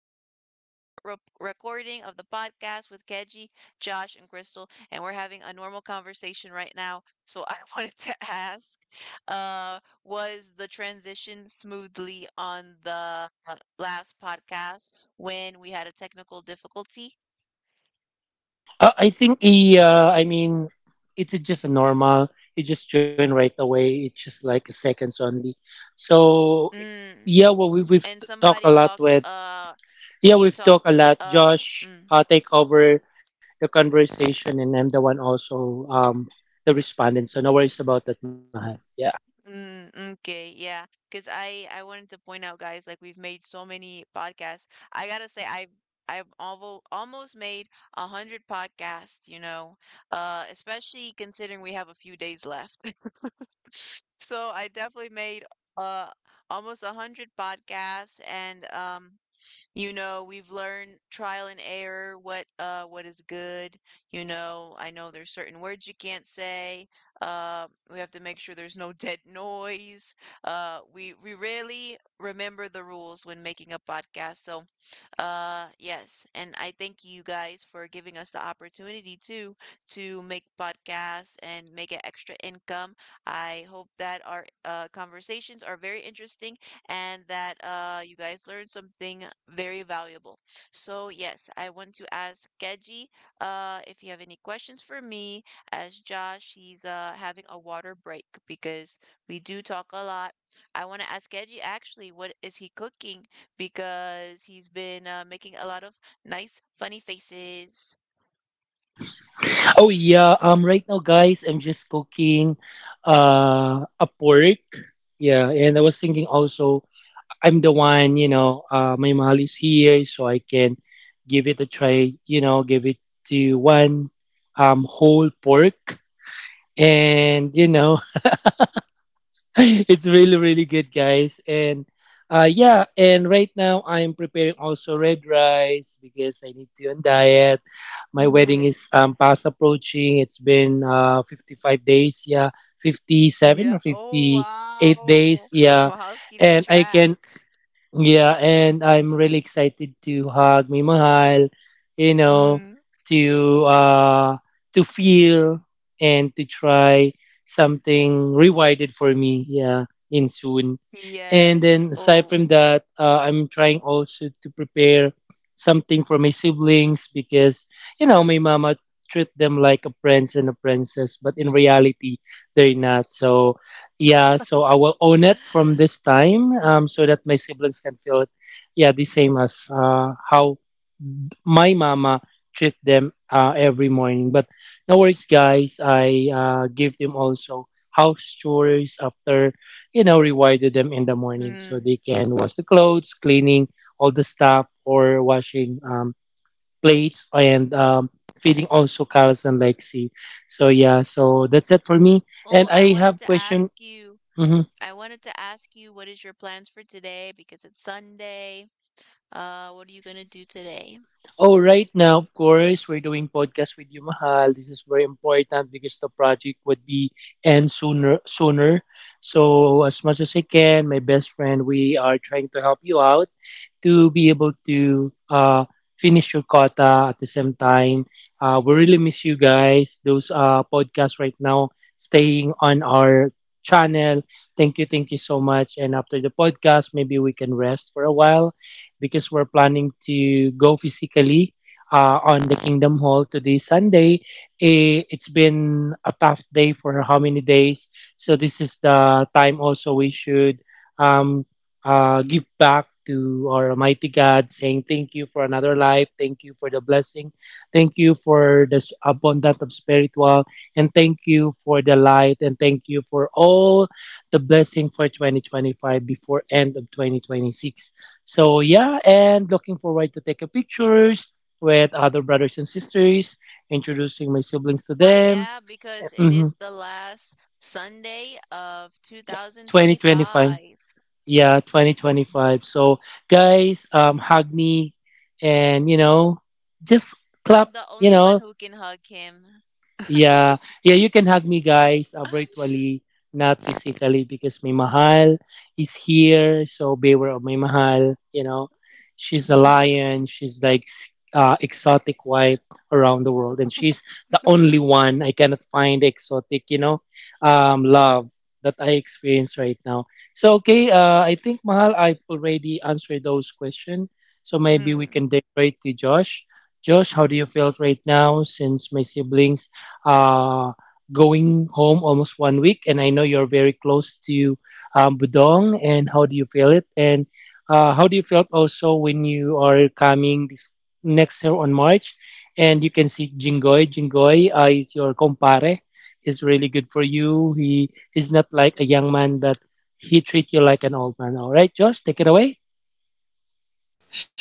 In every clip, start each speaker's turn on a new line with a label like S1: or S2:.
S1: welcome to the other recording of the podcast with Keji, Josh, and Crystal, and we're having a normal conversation right now. So I wanted to ask, uh, was the transition smoothly on the last podcast when we had a technical difficulty?
S2: I think I mean, it's just a normal. You just join right away. It's just like seconds only. So
S1: Mm.
S2: yeah, well, we've
S1: And
S2: talked a
S1: somebody
S2: lot
S1: talked
S2: with yeah,
S1: You
S2: we've talked a lot. Josh,
S1: mm,
S2: take over the conversation, and I'm the one also the respondent. So no worries about that, Mahal. Yeah.
S1: okay, yeah, because I wanted to point out, guys, like we've made so many podcasts. I gotta say, I've alvo almost made 100 podcasts, especially considering we have a few days left. So I definitely made uh almost a hundred podcasts, and You know, we've learned trial and error, what is good. You know, I know there's certain words you can't say. Uh, we have to make sure there's no dead noise. We really remember the rules when making a podcast. So, yes, and I thank you guys for giving us the opportunity to make podcasts and make an extra income. I hope that our conversations are very interesting and that you guys learned something very valuable. So, yes, I want to ask Keji if you have any questions for me, as Josh, he's having a water break because we do talk a lot. I want to ask Keji actually, what is he cooking? Because he's been making a lot of nice, funny faces.
S2: Oh yeah. Right now, guys, I'm just cooking a pork. Yeah, and I was thinking also I'm the one, you know, my mahal is here, so I can give it a try, you know, give it to one whole pork. And, you know, it's really, really good, guys. And yeah, and right now I'm preparing also red rice because I need to on diet. My wedding is fast approaching. It's been 55 days, yeah, 57
S1: Yeah.
S2: or
S1: Oh,
S2: 58
S1: wow.
S2: days, yeah.
S1: Well, housekeeping
S2: And I
S1: track.
S2: can Yeah, and I'm really excited to hug my mahal, you know,
S1: Mm.
S2: to uh to feel and to try something rewarded for me, yeah, in soon. And
S1: Yes.
S2: then aside
S1: Oh.
S2: from that, I'm trying also to prepare something for my siblings because, you know, my mama treat them like a prince and a princess, but in reality, they're not. So, yeah, so I will own it from this time so that my siblings can feel it, yeah, the same as how my mama treat them every morning. But no worries, guys. I give them also house chores after, you know, rewarded them in the morning so
S1: Hmm.
S2: they can wash the clothes, cleaning all the stuff, or washing plates and feeding also Carlos and Lexi. So yeah, so that's it for me.
S1: Oh,
S2: And
S1: I
S2: I
S1: wanted
S2: have
S1: to
S2: question.
S1: ask you
S2: Mm-hmm.
S1: I wanted to ask you what is your plans for today because it's Sunday. What are you gonna do today?
S2: Oh, right now, of course, we're doing podcast with you, Mahal. This is very important because the project would be end sooner. Sooner, so as much as I can, my best friend, we are trying to help you out, to be able to finish your quota at the same time. We really miss you guys. Those podcasts right now staying on our channel. Thank you so much. And after the podcast, maybe we can rest for a while because we're planning to go physically. On the Kingdom Hall today, Sunday. Eh, it's been a tough day for how many days? So, this is the time also we should um, give back to our Almighty God, saying thank you for another life, thank you for the blessing, thank you for this abundant of spiritual, and thank you for the light, and thank you for all the blessing for 2025 before end of 2026. So yeah, and looking forward to take a pictures with other brothers and sisters, introducing my siblings to
S1: Ah,
S2: them.
S1: yeah, because it is
S2: Mhm.
S1: the last Sunday of
S2: 2025.
S1: 2025.
S2: Yeah, 2025. So, guys, hug me and, you know, just
S1: I'm
S2: clap,
S1: the
S2: you
S1: only one
S2: know,
S1: who can hug him.
S2: yeah, yeah, you can hug me, guys, virtually, not physically, because my mahal is here. So beware of my mahal. You know, she's a lion. She's like exotic wife around the world, and she's the only one I cannot find exotic. You know, love that I experience right now. So okay, I think mahal, I've already answered those questions. So maybe we
S1: Mm.
S2: can direct to Josh. Josh, how do you feel right now since my siblings uh, going home almost 1 week, and I know you're very close to Budong. And how do you feel it? And how do you feel it also when you are coming this next year on March, and you can see Jingoy. Jingoy is your compare. He's really good for you. He is not like a young man, but he treat you like an old man. All right, Josh, take it away.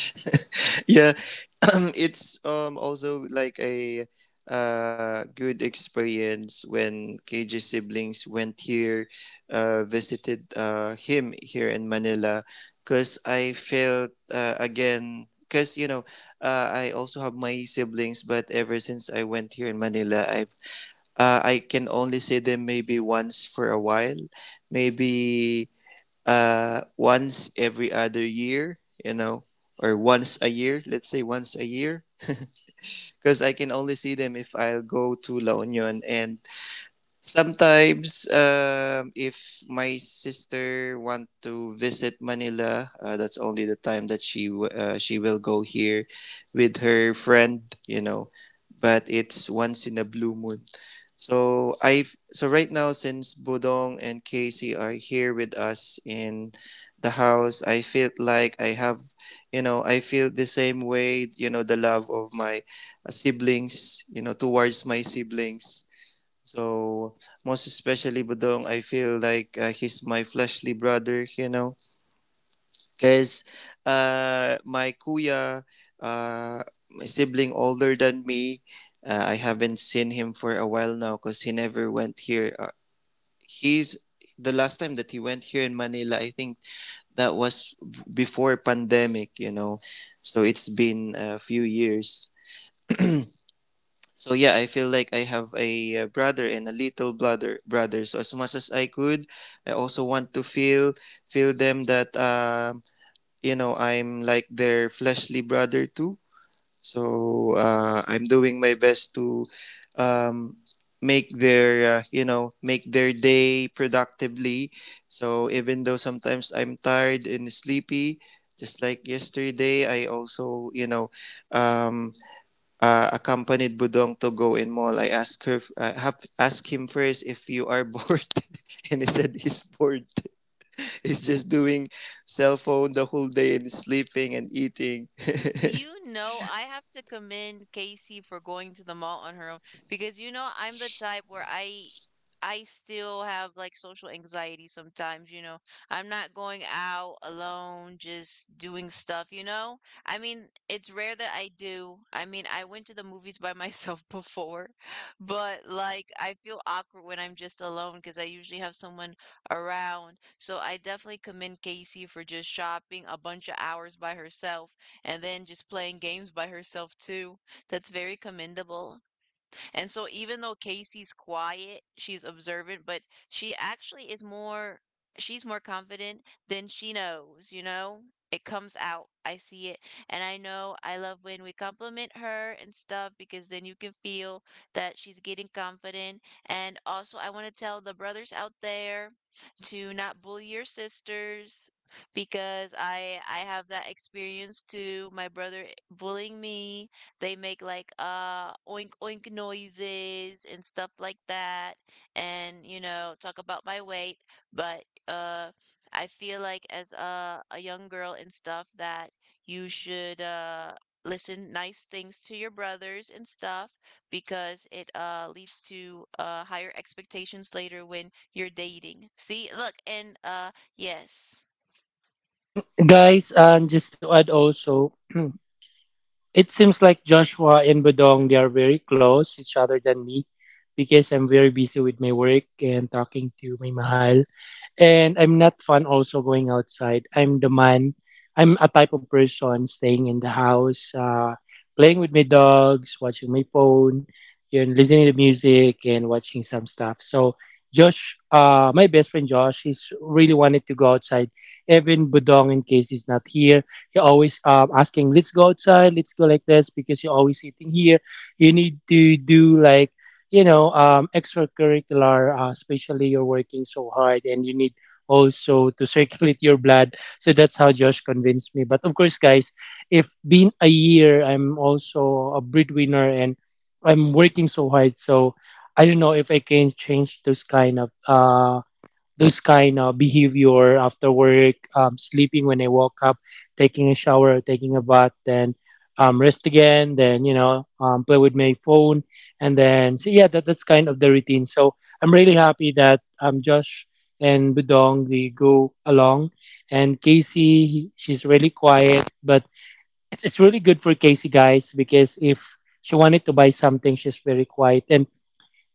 S3: Yeah. It's also like a good experience when KJ's siblings went here, visited him here in Manila, because I felt, again, because you know, I also have my siblings, but ever since I went here in Manila, I can only see them maybe once for a while, maybe, once every other year, you know, or once a year. Let's say once a year, because I can only see them if I'll go to La Union. And sometimes, if my sister want to visit Manila, that's only the time that she will go here with her friend, you know. But it's once in a blue moon. So right now, since Budong and Casey are here with us in the house, I feel like I have, you know, I feel the same way, you know, the love of my, siblings, you know, towards my siblings. So most especially Budong, I feel like, he's my fleshly brother, you know, because, my kuya, uh, my sibling older than me, I haven't seen him for a while now because he never went here. He's The last time that he went here in Manila, I think that was before pandemic, you know. So it's been a few years. So yeah, I feel like I have a, brother and a little brother. So as much as I could, I also want to feel them that, you know, I'm like their fleshly brother too. So, I'm doing my best to, um, make their, you know, make their day productively. So even though sometimes I'm tired and sleepy, just like yesterday, I also, you know, um, accompanied Budong to go in mall. I asked her, asked him first if you are bored, and he said he's bored. He's just doing cell phone the whole day and sleeping and eating.
S1: You know, I have to commend Casey for going to the mall on her own because you know I'm the type where I still have like social anxiety sometimes, you know. I'm not going out alone, just doing stuff, you know? I mean, it's rare that I do. I mean, I went to the movies by myself before, but like I feel awkward when I'm just alone because I usually have someone around. So I definitely commend Casey for just shopping a bunch of hours by herself and then just playing games by herself too. That's very commendable. And so even though Casey's quiet, she's observant, but she actually is more she's more confident than she knows, you know? It comes out. I see it. And I know I love when we compliment her and stuff because then you can feel that she's getting confident. And also, I want to tell the brothers out there to not bully your sisters because I have that experience too. My brother bullying me, they make like oink oink noises and stuff like that, and you know talk about my weight, but I feel like as a young girl and stuff that you should listen nice things to your brothers and stuff because it leads to higher expectations later when you're dating. See, look, and yes.
S2: And guys, just to add also, it seems like Joshua and Budong they are very close each other than me because I'm very busy with my work and talking to my mahal. And I'm not fun also going outside. I'm the man. I'm a type of person staying in the house, playing with my dogs, watching my phone, you know, listening to music and watching some stuff. So Josh, my best friend Josh, he's really wanted to go outside. Even Budong, in case he's not here, he always asking, "Let's go outside. Let's go like this," because you're always sitting here. You need to do like you know extracurricular especially you're working so hard and you need also to circulate your blood, so that's how josh convinced me, but of course guys if been a year I'm also a breadwinner and I'm working so hard, so I don't know if I can change those kind of this kind of behavior after work, sleeping when I woke up, taking a shower, taking a bath, then rest again, then you know play with my phone, and then so yeah, that's kind of the routine. So I'm really happy that Josh and Budong they go along, and Casey she's really quiet, but it's really good for Casey guys because if she wanted to buy something, she's very quiet, and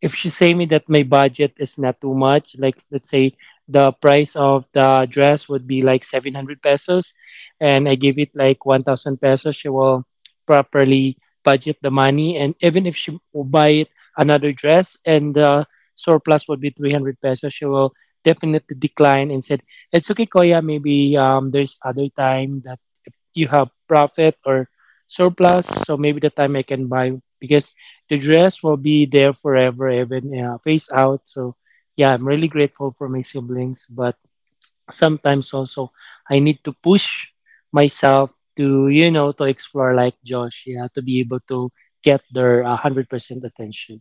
S2: if she say me that my budget is not too much, like let's say the price of the dress would be like 700 pesos and I give it like 1000 pesos, she will properly budget the money. And even if she will buy it another dress and the surplus would be 300 pesos, she will definitely decline and said, it's okay, Koya, maybe there's other time that if you have profit or surplus, so maybe the time I can buy because the dress will be there forever, even face out. So, yeah, I'm really grateful for my siblings, but sometimes also I need to push myself to, you know, to explore like Josh, yeah, to be able to get their 100% attention.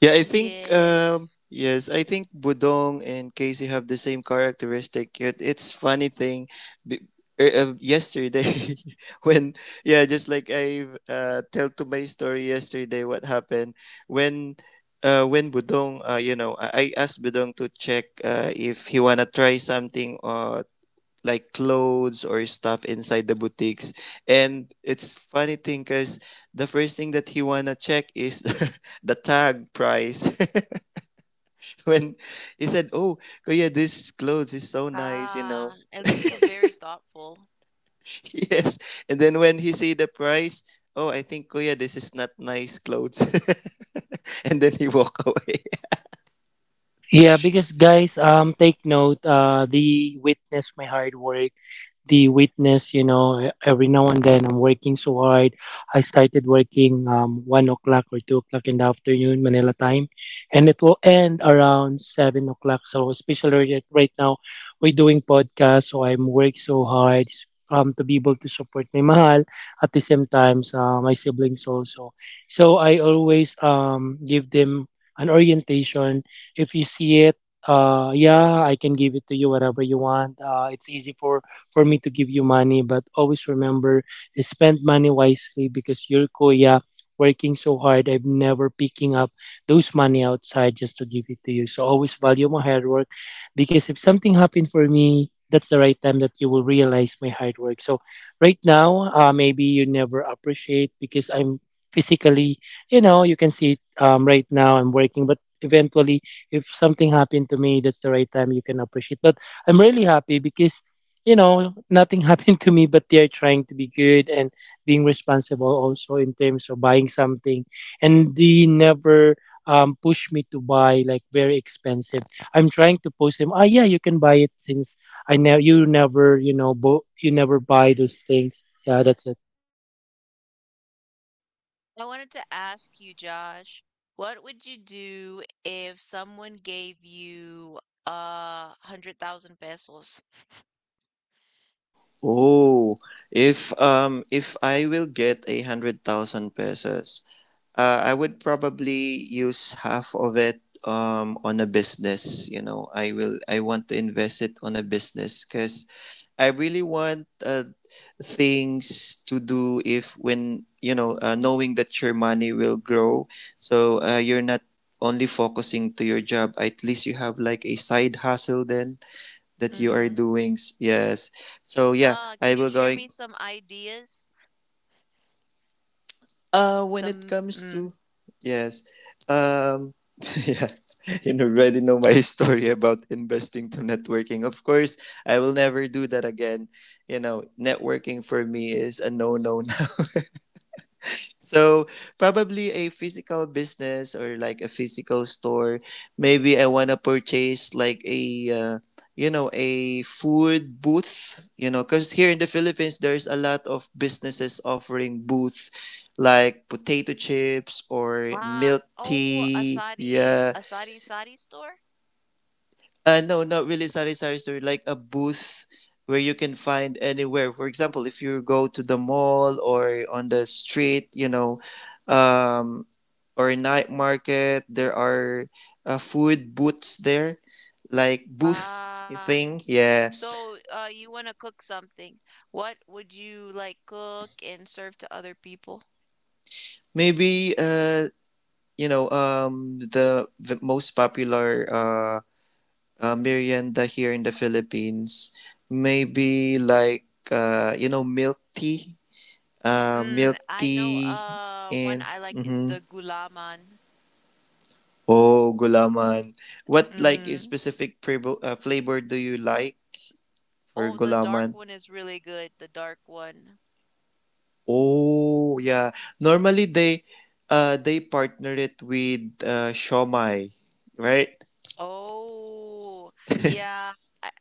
S3: Yeah, I think,
S1: Yes.
S3: yes, I think Budong and Casey have the same characteristic. Yet it's funny thing, be- yesterday, when yeah, just like I, tell to my story yesterday what happened, when when Budong, you know, I asked Budong to check, if he wanna try something, like clothes or stuff inside the boutiques. And it's funny thing because the first thing that he wanna check is the tag price. When he said, "Oh, kuya, this clothes is so nice," you
S1: Ah,
S3: know.
S1: at least he's very thoughtful.
S3: Yes, and then when he see the price, "Oh, I think kuya, this is not nice clothes," and then he walk away.
S2: Yeah, because guys, take note. They witness my hard work. They witness, you know, every now and then I'm working so hard. I started working 1 o'clock or 2 o'clock in the afternoon Manila time, and it will end around 7 o'clock. So especially right now, we're doing podcast, so I'm work so hard to be able to support my mahal at the same time my siblings also. So I always give them an orientation if you see it yeah I can give it to you whatever you want, it's easy for me to give you money but always remember spend money wisely because your kuya working so hard, I'm never picking up those money outside just to give it to you, so always value my hard work because if something happened for me that's the right time that you will realize my hard work. So right now maybe you never appreciate because I'm physically, you know you can see it, right now I'm working, but eventually if something happened to me, that's the right time you can appreciate. But I'm really happy because, you know, nothing happened to me, but they are trying to be good and being responsible also in terms of buying something. And they never push me to buy like very expensive. I'm trying to push them, ah, yeah, you can buy it since I know you never, you know, you never buy those things. Yeah, that's it.
S1: I wanted to ask you, Josh, what would you do if someone gave you 100,000 pesos?
S3: Oh, if I will get 100,000 pesos, I would probably use half of it, on a business. You know, I will. I want to invest it on a business because I really want, things to do, if when you know, knowing that your money will grow, so, you're not only focusing to your job. At least you have like a side hustle then that you are
S1: Mm-hmm.
S3: doing. Yes. So yeah,
S1: Can
S3: I
S1: you
S3: will
S1: share
S3: going.
S1: me some ideas?
S3: When it
S1: Some
S3: comes
S1: mm,
S3: to... yes, um, yeah, you already know my story about investing to networking. Of course, I will never do that again. You know, networking for me is a no no. So probably a physical business or like a physical store. Maybe I wanna purchase like a, uh, you know, a food booth. You know, because here in the Philippines there's a lot of businesses offering booth like potato chips or
S1: ah,
S3: milk
S1: oh,
S3: tea.
S1: asadi
S3: Yeah.
S1: asadi sadi store?
S3: No, not really sari-sari store. Like a booth where you can find anywhere. For example, if you go to the mall or on the street, you know, um, or a night market, there are, food booths there, like booth
S1: Ah,
S3: thing. Yeah.
S1: so you want to cook something. What would you like cook and serve to other people?
S3: Maybe, you know, the most popular, merienda here in the Philippines, maybe like, you know, milk tea,
S1: Mm,
S3: milk
S1: I know
S3: tea,
S1: one
S3: and...
S1: I like is the
S3: Mm-hmm.
S1: gulaman.
S3: Oh, gulaman. What like is
S1: Mm.
S3: specific, flavor do you like for
S1: Oh, the dark
S3: gulaman?
S1: one is really good, the dark one.
S3: Oh yeah, normally they partner it with, shomai, right?
S1: Oh, yeah. I,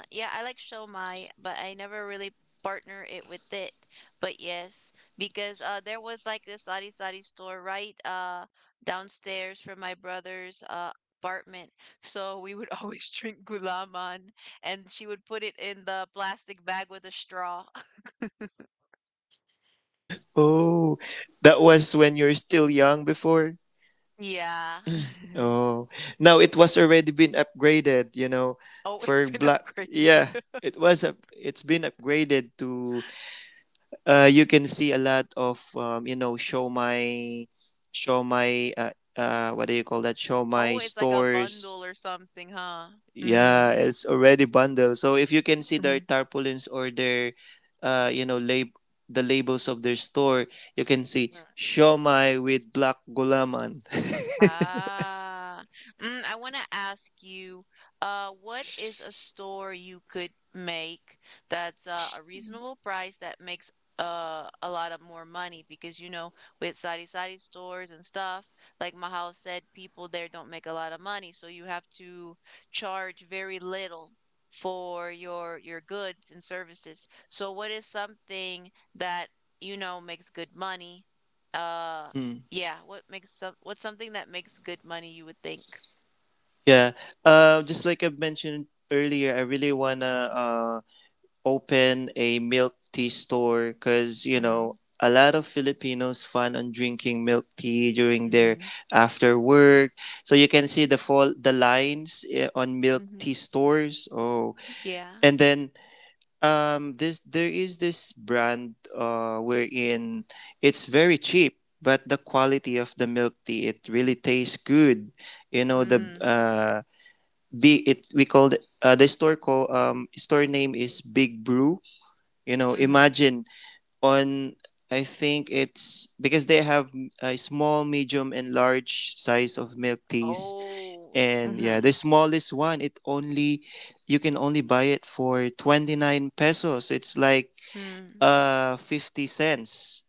S1: yeah, I like Shomai, but I never really partner it with it. But yes, because there was like this sari sari store right downstairs from my brother's apartment. So we would always drink gulaman, and she would put it in the plastic bag with a straw.
S3: Oh, that was when you're still young before.
S1: Yeah.
S3: Oh, now it was already been upgraded. You know,
S1: Oh, it's
S3: for
S1: been
S3: black.
S1: upgraded.
S3: Yeah, it was up. It's been upgraded to, you can see a lot of, you know, show my, what do you call that, show my
S1: Oh, it's like a
S3: stores.
S1: bundle or something, huh?
S3: Yeah,
S1: Mm,
S3: it's already bundled. So if you can see their
S1: mhm.
S3: tarpaulins or their, you know, the labels of their store, you can see show my with black gulaman.
S1: Ah, mm, I want to ask you, what is a store you could make that's a reasonable price that makes a lot of more money? Because you know, with sari sari stores and stuff, like Mahal said, people there don't make a lot of money, so you have to charge very little for your goods and services. So, what is something that you know makes good money? Uh.
S3: Hmm.
S1: Yeah, what's something that makes good money, you would think?
S3: Yeah, just like I've mentioned earlier, I really wanna, open a milk tea store because you
S1: Mm,
S3: know a lot of Filipinos fun on drinking milk tea during their...
S1: mhm,
S3: after work. So you can see the lines, eh, on milk
S1: mhm.
S3: tea stores. Oh,
S1: Yeah.
S3: and then, this there is this brand, wherein it's very cheap. But the quality of the milk tea, it really tastes good. You know the,
S1: Mm,
S3: be it we called, the store call store name is Big Brew, you know,
S1: mhm.
S3: imagine... on I think it's because they have a small, medium, and large size of milk teas.
S1: Oh,
S3: And yeah,
S1: mhm,
S3: the smallest one, it only, you can only buy it for 29 pesos. It's like,
S1: mm,
S3: 50 cents,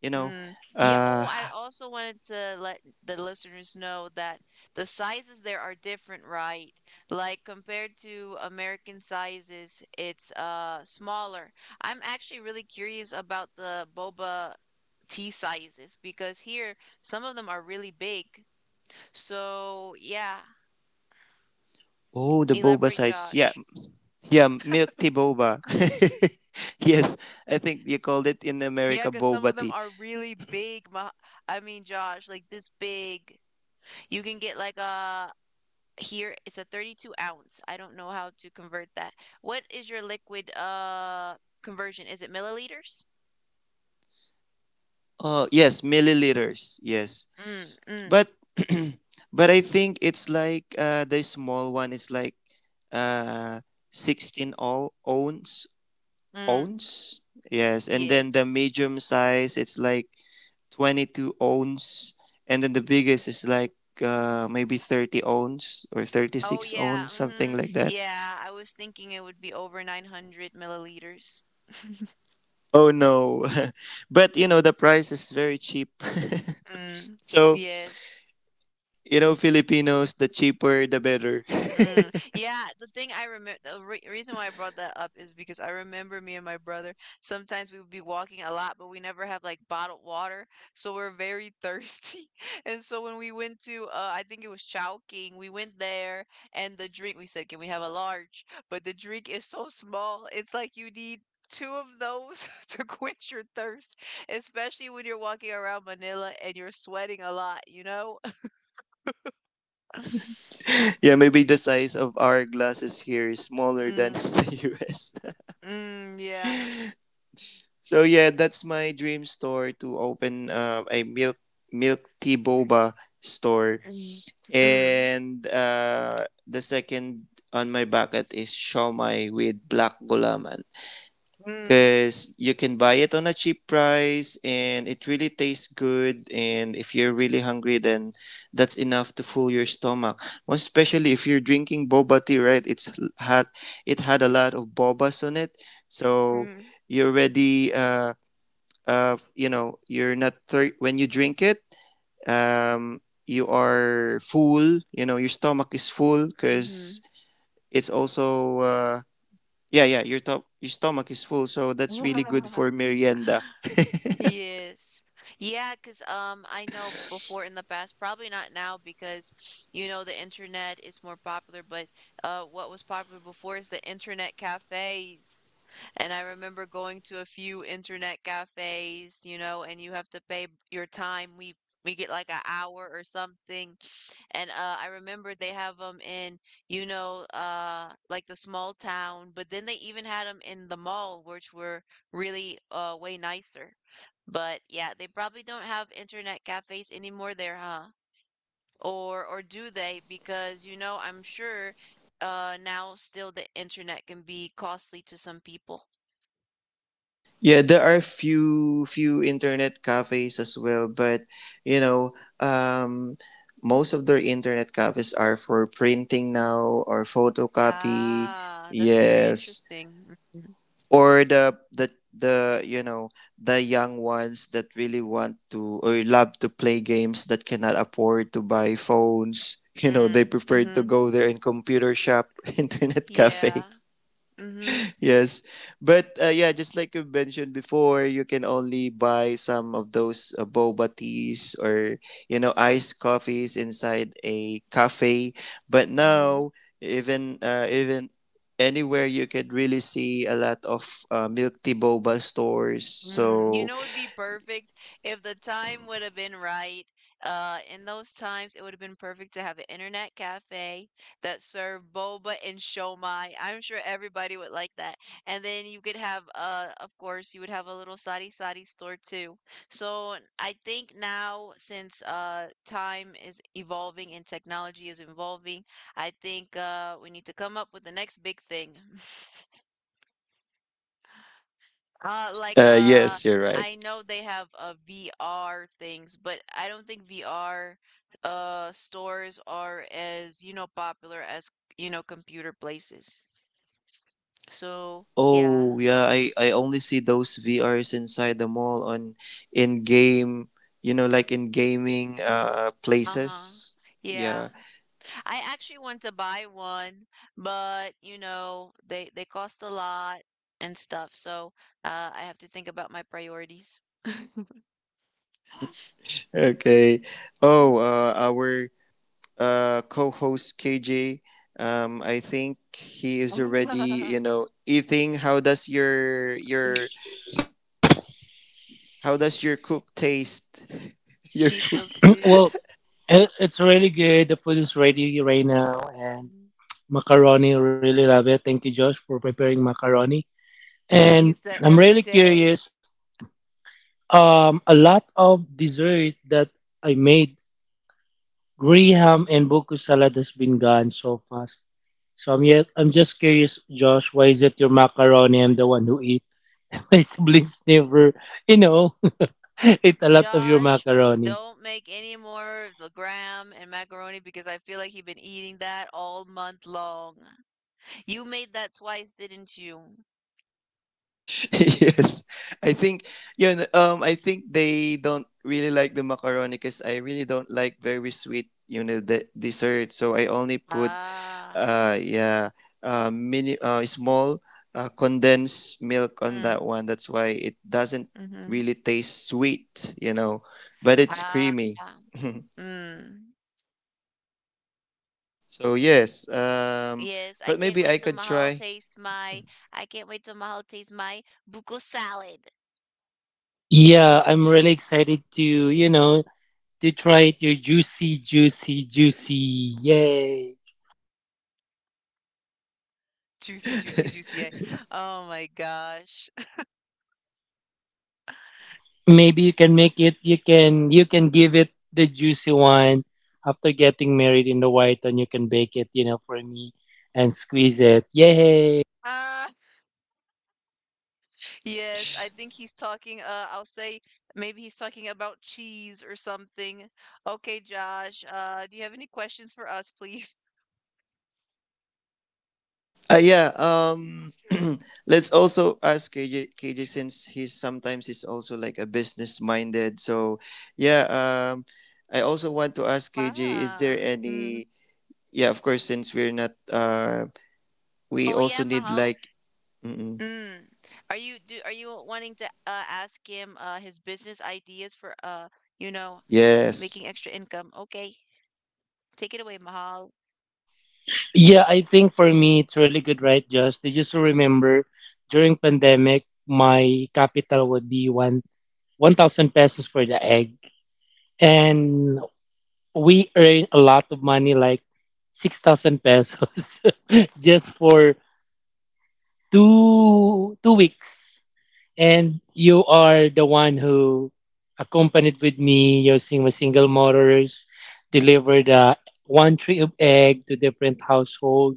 S3: you know.
S1: mm. Yeah,
S3: Uh,
S1: oh, I also wanted to let the listeners know that the sizes there are different, right? Like compared to American sizes, it's smaller. I'm actually really curious about the boba tea sizes because here some of them are really big. So, yeah,
S3: oh, the boba
S1: elaborate,
S3: sizes. Yeah,
S1: Josh.
S3: yeah, milk tea boba. Yes, I think you called it in
S1: Yeah,
S3: America
S1: because some of
S3: boba
S1: them
S3: tea.
S1: are really big. Ma I mean, Josh, like this big. You can get like a, here it's a 32 ounce. I don't know how to convert that. What is your liquid conversion? Is it milliliters?
S3: Oh, yes, milliliters. Yes.
S1: Mm, mm,
S3: but But I think it's like, the small one is like, uh 16 ounce
S1: mm.
S3: ounce Yes. And then the
S1: Yes.
S3: medium size, it's like 22 ounce. And then the biggest is like, maybe 30 ounce or
S1: Oh
S3: 36
S1: yeah.
S3: ounce,
S1: Mm-hmm.
S3: something like that.
S1: Yeah, I was thinking it would be over 900 milliliters.
S3: Oh no. But you know the price is very cheap.
S1: Mm.
S3: So
S1: Yes.
S3: you know Filipinos, the cheaper the better.
S1: Mm, yeah, the thing I remember, the re reason why I brought that up is because I remember me and my brother, sometimes we would be walking a lot, but we never have like bottled water, so we're very thirsty. And so when we went to, I think it was Chowking, we went there, and the drink, we said, "Can we have a large?" But the drink is so small, it's like you need two of those to quench your thirst, especially when you're walking around Manila and you're sweating a lot, you know?
S3: Yeah, maybe the size of our glasses here is smaller than
S1: Mm,
S3: the US.
S1: mm, yeah.
S3: So yeah, that's my dream store to open, a milk tea boba store.
S1: Mm, mm,
S3: And, the second on my bucket is shawmai with black gulaman,
S1: mm,
S3: because you can buy it on a cheap price and it really tastes good, and if you're really hungry then that's enough to full your stomach. Most especially if you're drinking boba tea, right? Had It had a lot of bobas on it, so
S1: mm,
S3: you're already, you know, you're not thir- when you drink it, um you are full, you know, your stomach is full because it's also, yeah, yeah, your stomach is full, so that's really good
S1: mhm.
S3: for merienda.
S1: Yes. Yeah, 'cause I know before in the past, probably not now because you know the internet is more popular, but what was popular before is the internet cafes. And I remember going to a few internet cafes, you know, and you have to pay your time. We get like an hour or something. And I remember they have them in, you know, like the small town, but then they even had them in the mall, which were really way nicer. But yeah, they probably don't have internet cafes anymore there, huh? Or do they? Because you know, I'm sure now still the internet can be costly to some people.
S3: Yeah, there are few internet cafes as well, but you know, most of their internet cafes are for printing now or photocopy.
S1: Ah, that's very
S3: Yes,
S1: interesting. Mm-hmm.
S3: or the you know, the young ones that really want to or love to play games that cannot afford to buy phones. You know, they
S1: Mm,
S3: prefer to
S1: mhm.
S3: go there in computer shop, internet cafe.
S1: Yeah. Mm-hmm.
S3: Yes, but, yeah, just like you mentioned before, you can only buy some of those, boba teas or you know iced coffees inside a cafe. But now, even anywhere, you could really see a lot of, milk tea boba stores.
S1: Mm, you
S3: So,
S1: know, it'd be perfect if the time would have been right. In those times, it would have been perfect to have an internet cafe that served boba and shomai. I'm sure everybody would like that. And then you could have, of course, you would have a little sari sari store too. So I think now, since time is evolving and technology is evolving, I think we need to come up with the next big thing. Uh, like uh,
S3: yes, you're right.
S1: I know they have VR things, but I don't think VR stores are as, you know, popular as, you know, computer places. So, yeah.
S3: Oh yeah, I only see those VRs inside the mall, on in game, you know, like in gaming,
S1: Uh-huh.
S3: places.
S1: Yeah.
S3: Yeah.
S1: I actually want to buy one, but you know, they cost a lot and stuff. So, I have to think about my priorities.
S3: Okay. Oh, our, co-host KJ. I think he is already, you know, eating. How does your how does your cook taste? Your
S1: He
S3: food.
S1: feels good.
S2: Well, it's really good. The food is ready right now. And macaroni, really love it. Thank you, Josh, for preparing macaroni.
S1: He eats
S2: And
S1: that
S2: I'm
S1: every
S2: really
S1: day.
S2: curious. A lot of dessert that I made, graham and buku salad has been gone so fast. I'm just curious, Josh, why is it your macaroni? I'm the one who eat. My siblings never, you know, eat a lot of your
S1: Josh,
S2: macaroni.
S1: don't make any more the graham and macaroni because I feel like he's been eating that all month long. You made that twice, didn't you?
S3: Yes, I think... yeah. I think they don't really like the macaroni because I really don't like very sweet, you know, the dessert. So I only put,
S1: Ah,
S3: uh, yeah, mini, small, condensed milk on that
S1: mm,
S3: one. That's why it doesn't
S1: mm-hmm.
S3: really taste sweet, you know, but it's
S1: Ah,
S3: creamy.
S1: mm.
S3: So yes,
S1: Yes, I
S3: but
S1: can't
S3: maybe I
S1: wait till
S3: could
S1: Mahal
S3: try.
S1: tastes my. I can't wait till Mahal tastes my buko salad.
S2: Yeah, I'm really excited to, you know, to try it. Your juicy, juicy, juicy. Yay.
S1: Juicy, juicy, juicy. Oh my gosh.
S2: Maybe you can make it, you can give it the juicy one after getting married in the white, and you can bake it for me and squeeze it. Yay.
S1: Ah. Yes, I think he's talking, I'll say maybe he's talking about cheese or something. Okay, Josh, do you have any questions for us, please?
S3: Yeah. Let's also ask KJ, since he's sometimes he's also like a business minded. So yeah. I also want to ask KJ. Is there
S1: Ah, mm.
S3: any? Yeah, of course. Since we're not, we
S1: Oh
S3: also
S1: yeah,
S3: need
S1: Mahal.
S3: like... Mm-mm.
S1: Mm. Are you wanting to ask him his business ideas for you know,
S3: Yes.
S1: making extra income? Okay. Take it away, Mahal.
S2: Yeah, I think for me it's really good, right, Josh? Did you still remember during pandemic my capital would be one 1000 pesos for the egg, and we earn a lot of money like 6000 pesos just for two weeks. And you are the one who accompanied with me using my single motors, delivered one tray of egg to different household.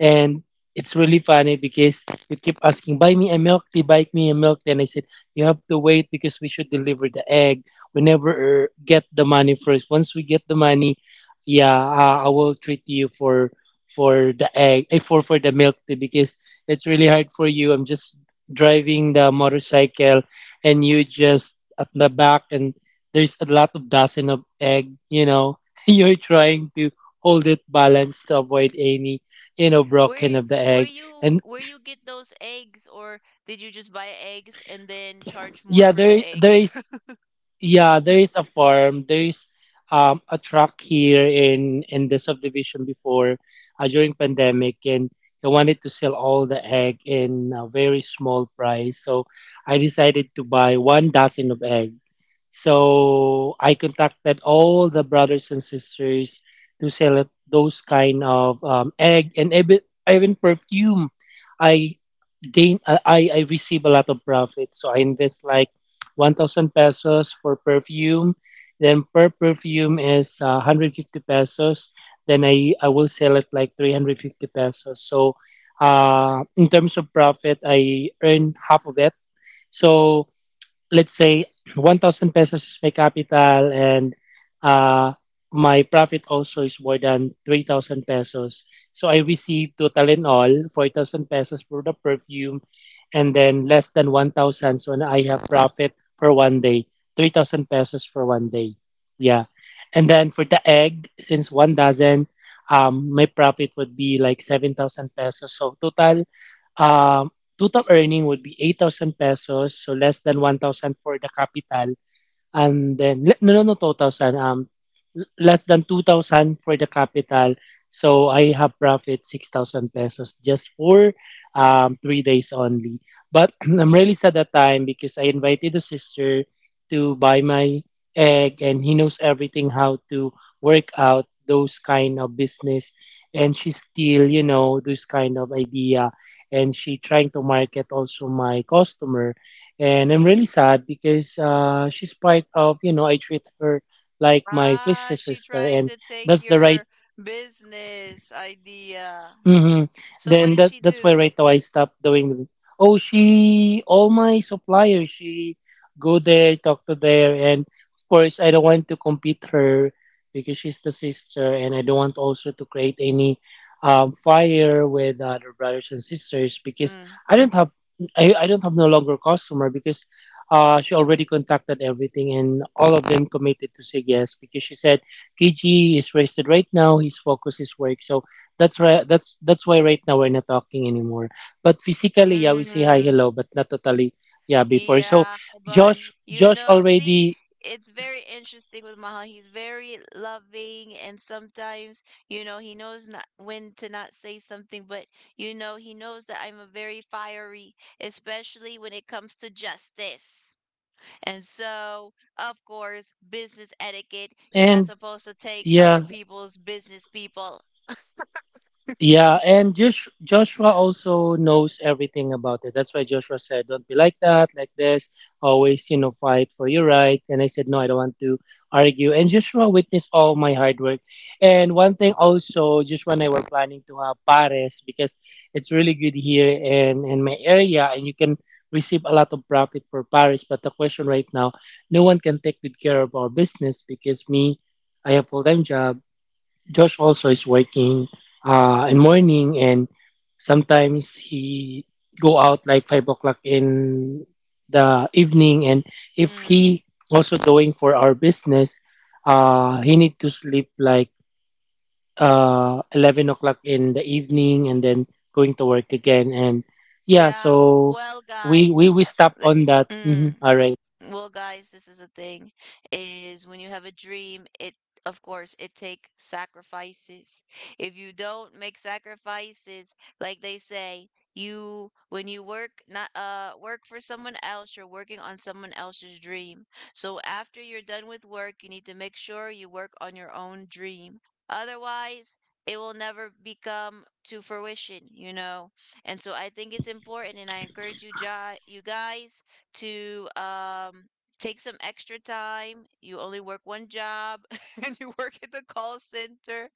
S2: And it's really funny because you keep asking, "Buy me a milk tea, buy me a milk tea," and I said you have to wait because we should deliver the egg. We never get the money first. Once we get the money, yeah, I will treat you for the egg, for the milk tea because it's really hard for you. I'm just driving the motorcycle and you just at the back, and there's a lot of dozen of egg. You're trying to hold it balanced to avoid any, broken
S1: Where
S2: of the
S1: where
S2: egg.
S1: you
S2: And
S1: get those eggs, or did you just buy eggs and then charge more
S2: yeah,
S1: for the eggs?
S2: There is a farm. There is a truck here in the subdivision before during pandemic, and they wanted to sell all the egg in a very small price. So I decided to buy one dozen of egg. So I contacted all the brothers and sisters to sell it, those kind of egg, and even perfume. I gain I receive a lot of profit. So I invest like 1000 pesos for perfume. Then per perfume is 150 pesos. Then I will sell it like 350 pesos. So in terms of profit, I earn half of it. So let's say 1000 pesos is my capital, and uh, my profit also is more than 3000 pesos, so I receive total in all 4000 pesos for the perfume. And then less than 1000, so now I have profit for one day, 3000 pesos for one day. Yeah. And then for the egg, since one dozen, my profit would be like 7000 pesos, so total um. Total earning would be 8,000 pesos, so less than 1,000 for the capital. And then no, no, no, 2000, less than 2000 for the capital. So I have profit 6000 pesos just for 3 days only. But I'm really sad that time because I invited the sister to buy my egg, and he knows everything how to work out those kind of business. And she still this kind of idea, and she trying to market also my customer. And I'm really sad because she's part of I treat her like my
S1: Ah,
S2: fleshly
S1: she
S2: sister,
S1: tried
S2: and
S1: to take
S2: that's the right.
S1: your business idea.
S2: Hmm.
S1: So what
S2: Then
S1: did
S2: that
S1: she
S2: that's why
S1: do?
S2: right now I stopped doing. Oh, she all my suppliers. She go there, talk to there, and of course I don't want to compete her because she's the sister, and I don't want also to create any fire with other brothers and sisters because
S1: Mm,
S2: I
S1: mm,
S2: don't have I don't have no longer customer because she already contacted everything, and all of them committed to say yes because she said KG is rested right now. His focus is work, so that's right. That's why right now we're not talking anymore. But physically, yeah, we say hi, hello,
S1: mm.
S2: but not totally. Yeah, before. So,
S1: Yeah, but you
S2: Josh
S1: know, see,
S2: already,
S1: it's very interesting with Maha. He's very loving, and sometimes, you know, he knows not when to not say something, but you know, he knows that I'm a very fiery, especially when it comes to justice. And so, of course, business etiquette, you're not
S2: and
S1: supposed to take other
S2: yeah,
S1: people's business people.
S2: yeah, and Joshua also knows everything about it. That's why Joshua said, "Don't be like that, like this. Always, fight for your right." And I said, "No, I don't want to argue." And Joshua witnessed all my hard work. And one thing also, Joshua and I were planning to have pares because it's really good here in my area, and you can receive a lot of profit for pares. But the question right now, no one can take good care of our business because me, I have full time job. Josh also is working in morning, and sometimes he go out like 5 o'clock in the evening. And if
S1: Mm,
S2: he also doing for our business, he need to sleep like 11 o'clock in the evening and then going to work again. And yeah,
S1: yeah.
S2: so
S1: Well,
S2: we we
S1: guys,
S2: we stop
S1: th-
S2: on that. Mhm.
S1: mm,
S2: All right. Yeah,
S1: Well, guys, this is the thing is when you have a dream, it of course it take sacrifices. If you don't make sacrifices, like they say, you when you work, not work for someone else, you're working on someone else's dream. So after you're done with work, you need to make sure you work on your own dream. Otherwise, it will never become to fruition, you know. And so I think it's important and I encourage you, you guys to take some extra time. You only work one job and you work at the call center.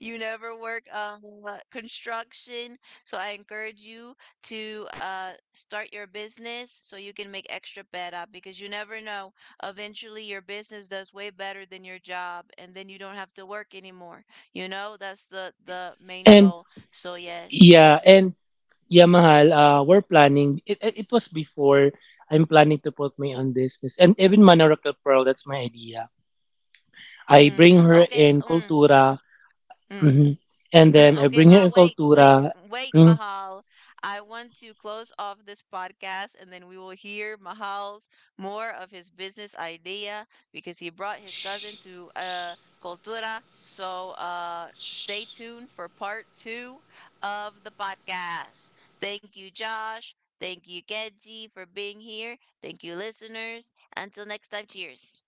S1: You never work construction. So I encourage you to start your business so you can make extra better because you never know. Eventually, your business does way better than your job and then you don't have to work anymore. You know, that's the main
S2: and
S1: goal. So, yes.
S2: yeah, and yeah, Mahal, we're planning. It was before. I'm planning to put my own business. And even Manoracle Pearl, that's my idea. I
S1: Mm.
S2: bring her
S1: Okay.
S2: in
S1: Mm.
S2: Cultura,
S1: Mm.
S2: mhm, and then
S1: Mm,
S2: I
S1: okay,
S2: bring her
S1: Mahal,
S2: in
S1: wait, wait,
S2: Cultura.
S1: wait, Mahal. I want to close off this podcast and then we will hear Mahal's more of his business idea because he brought his cousin to Cultura. So stay tuned for part two of the podcast. Thank you, Josh. Thank you, Kenji, for being here. Thank you, listeners. Until next time, cheers.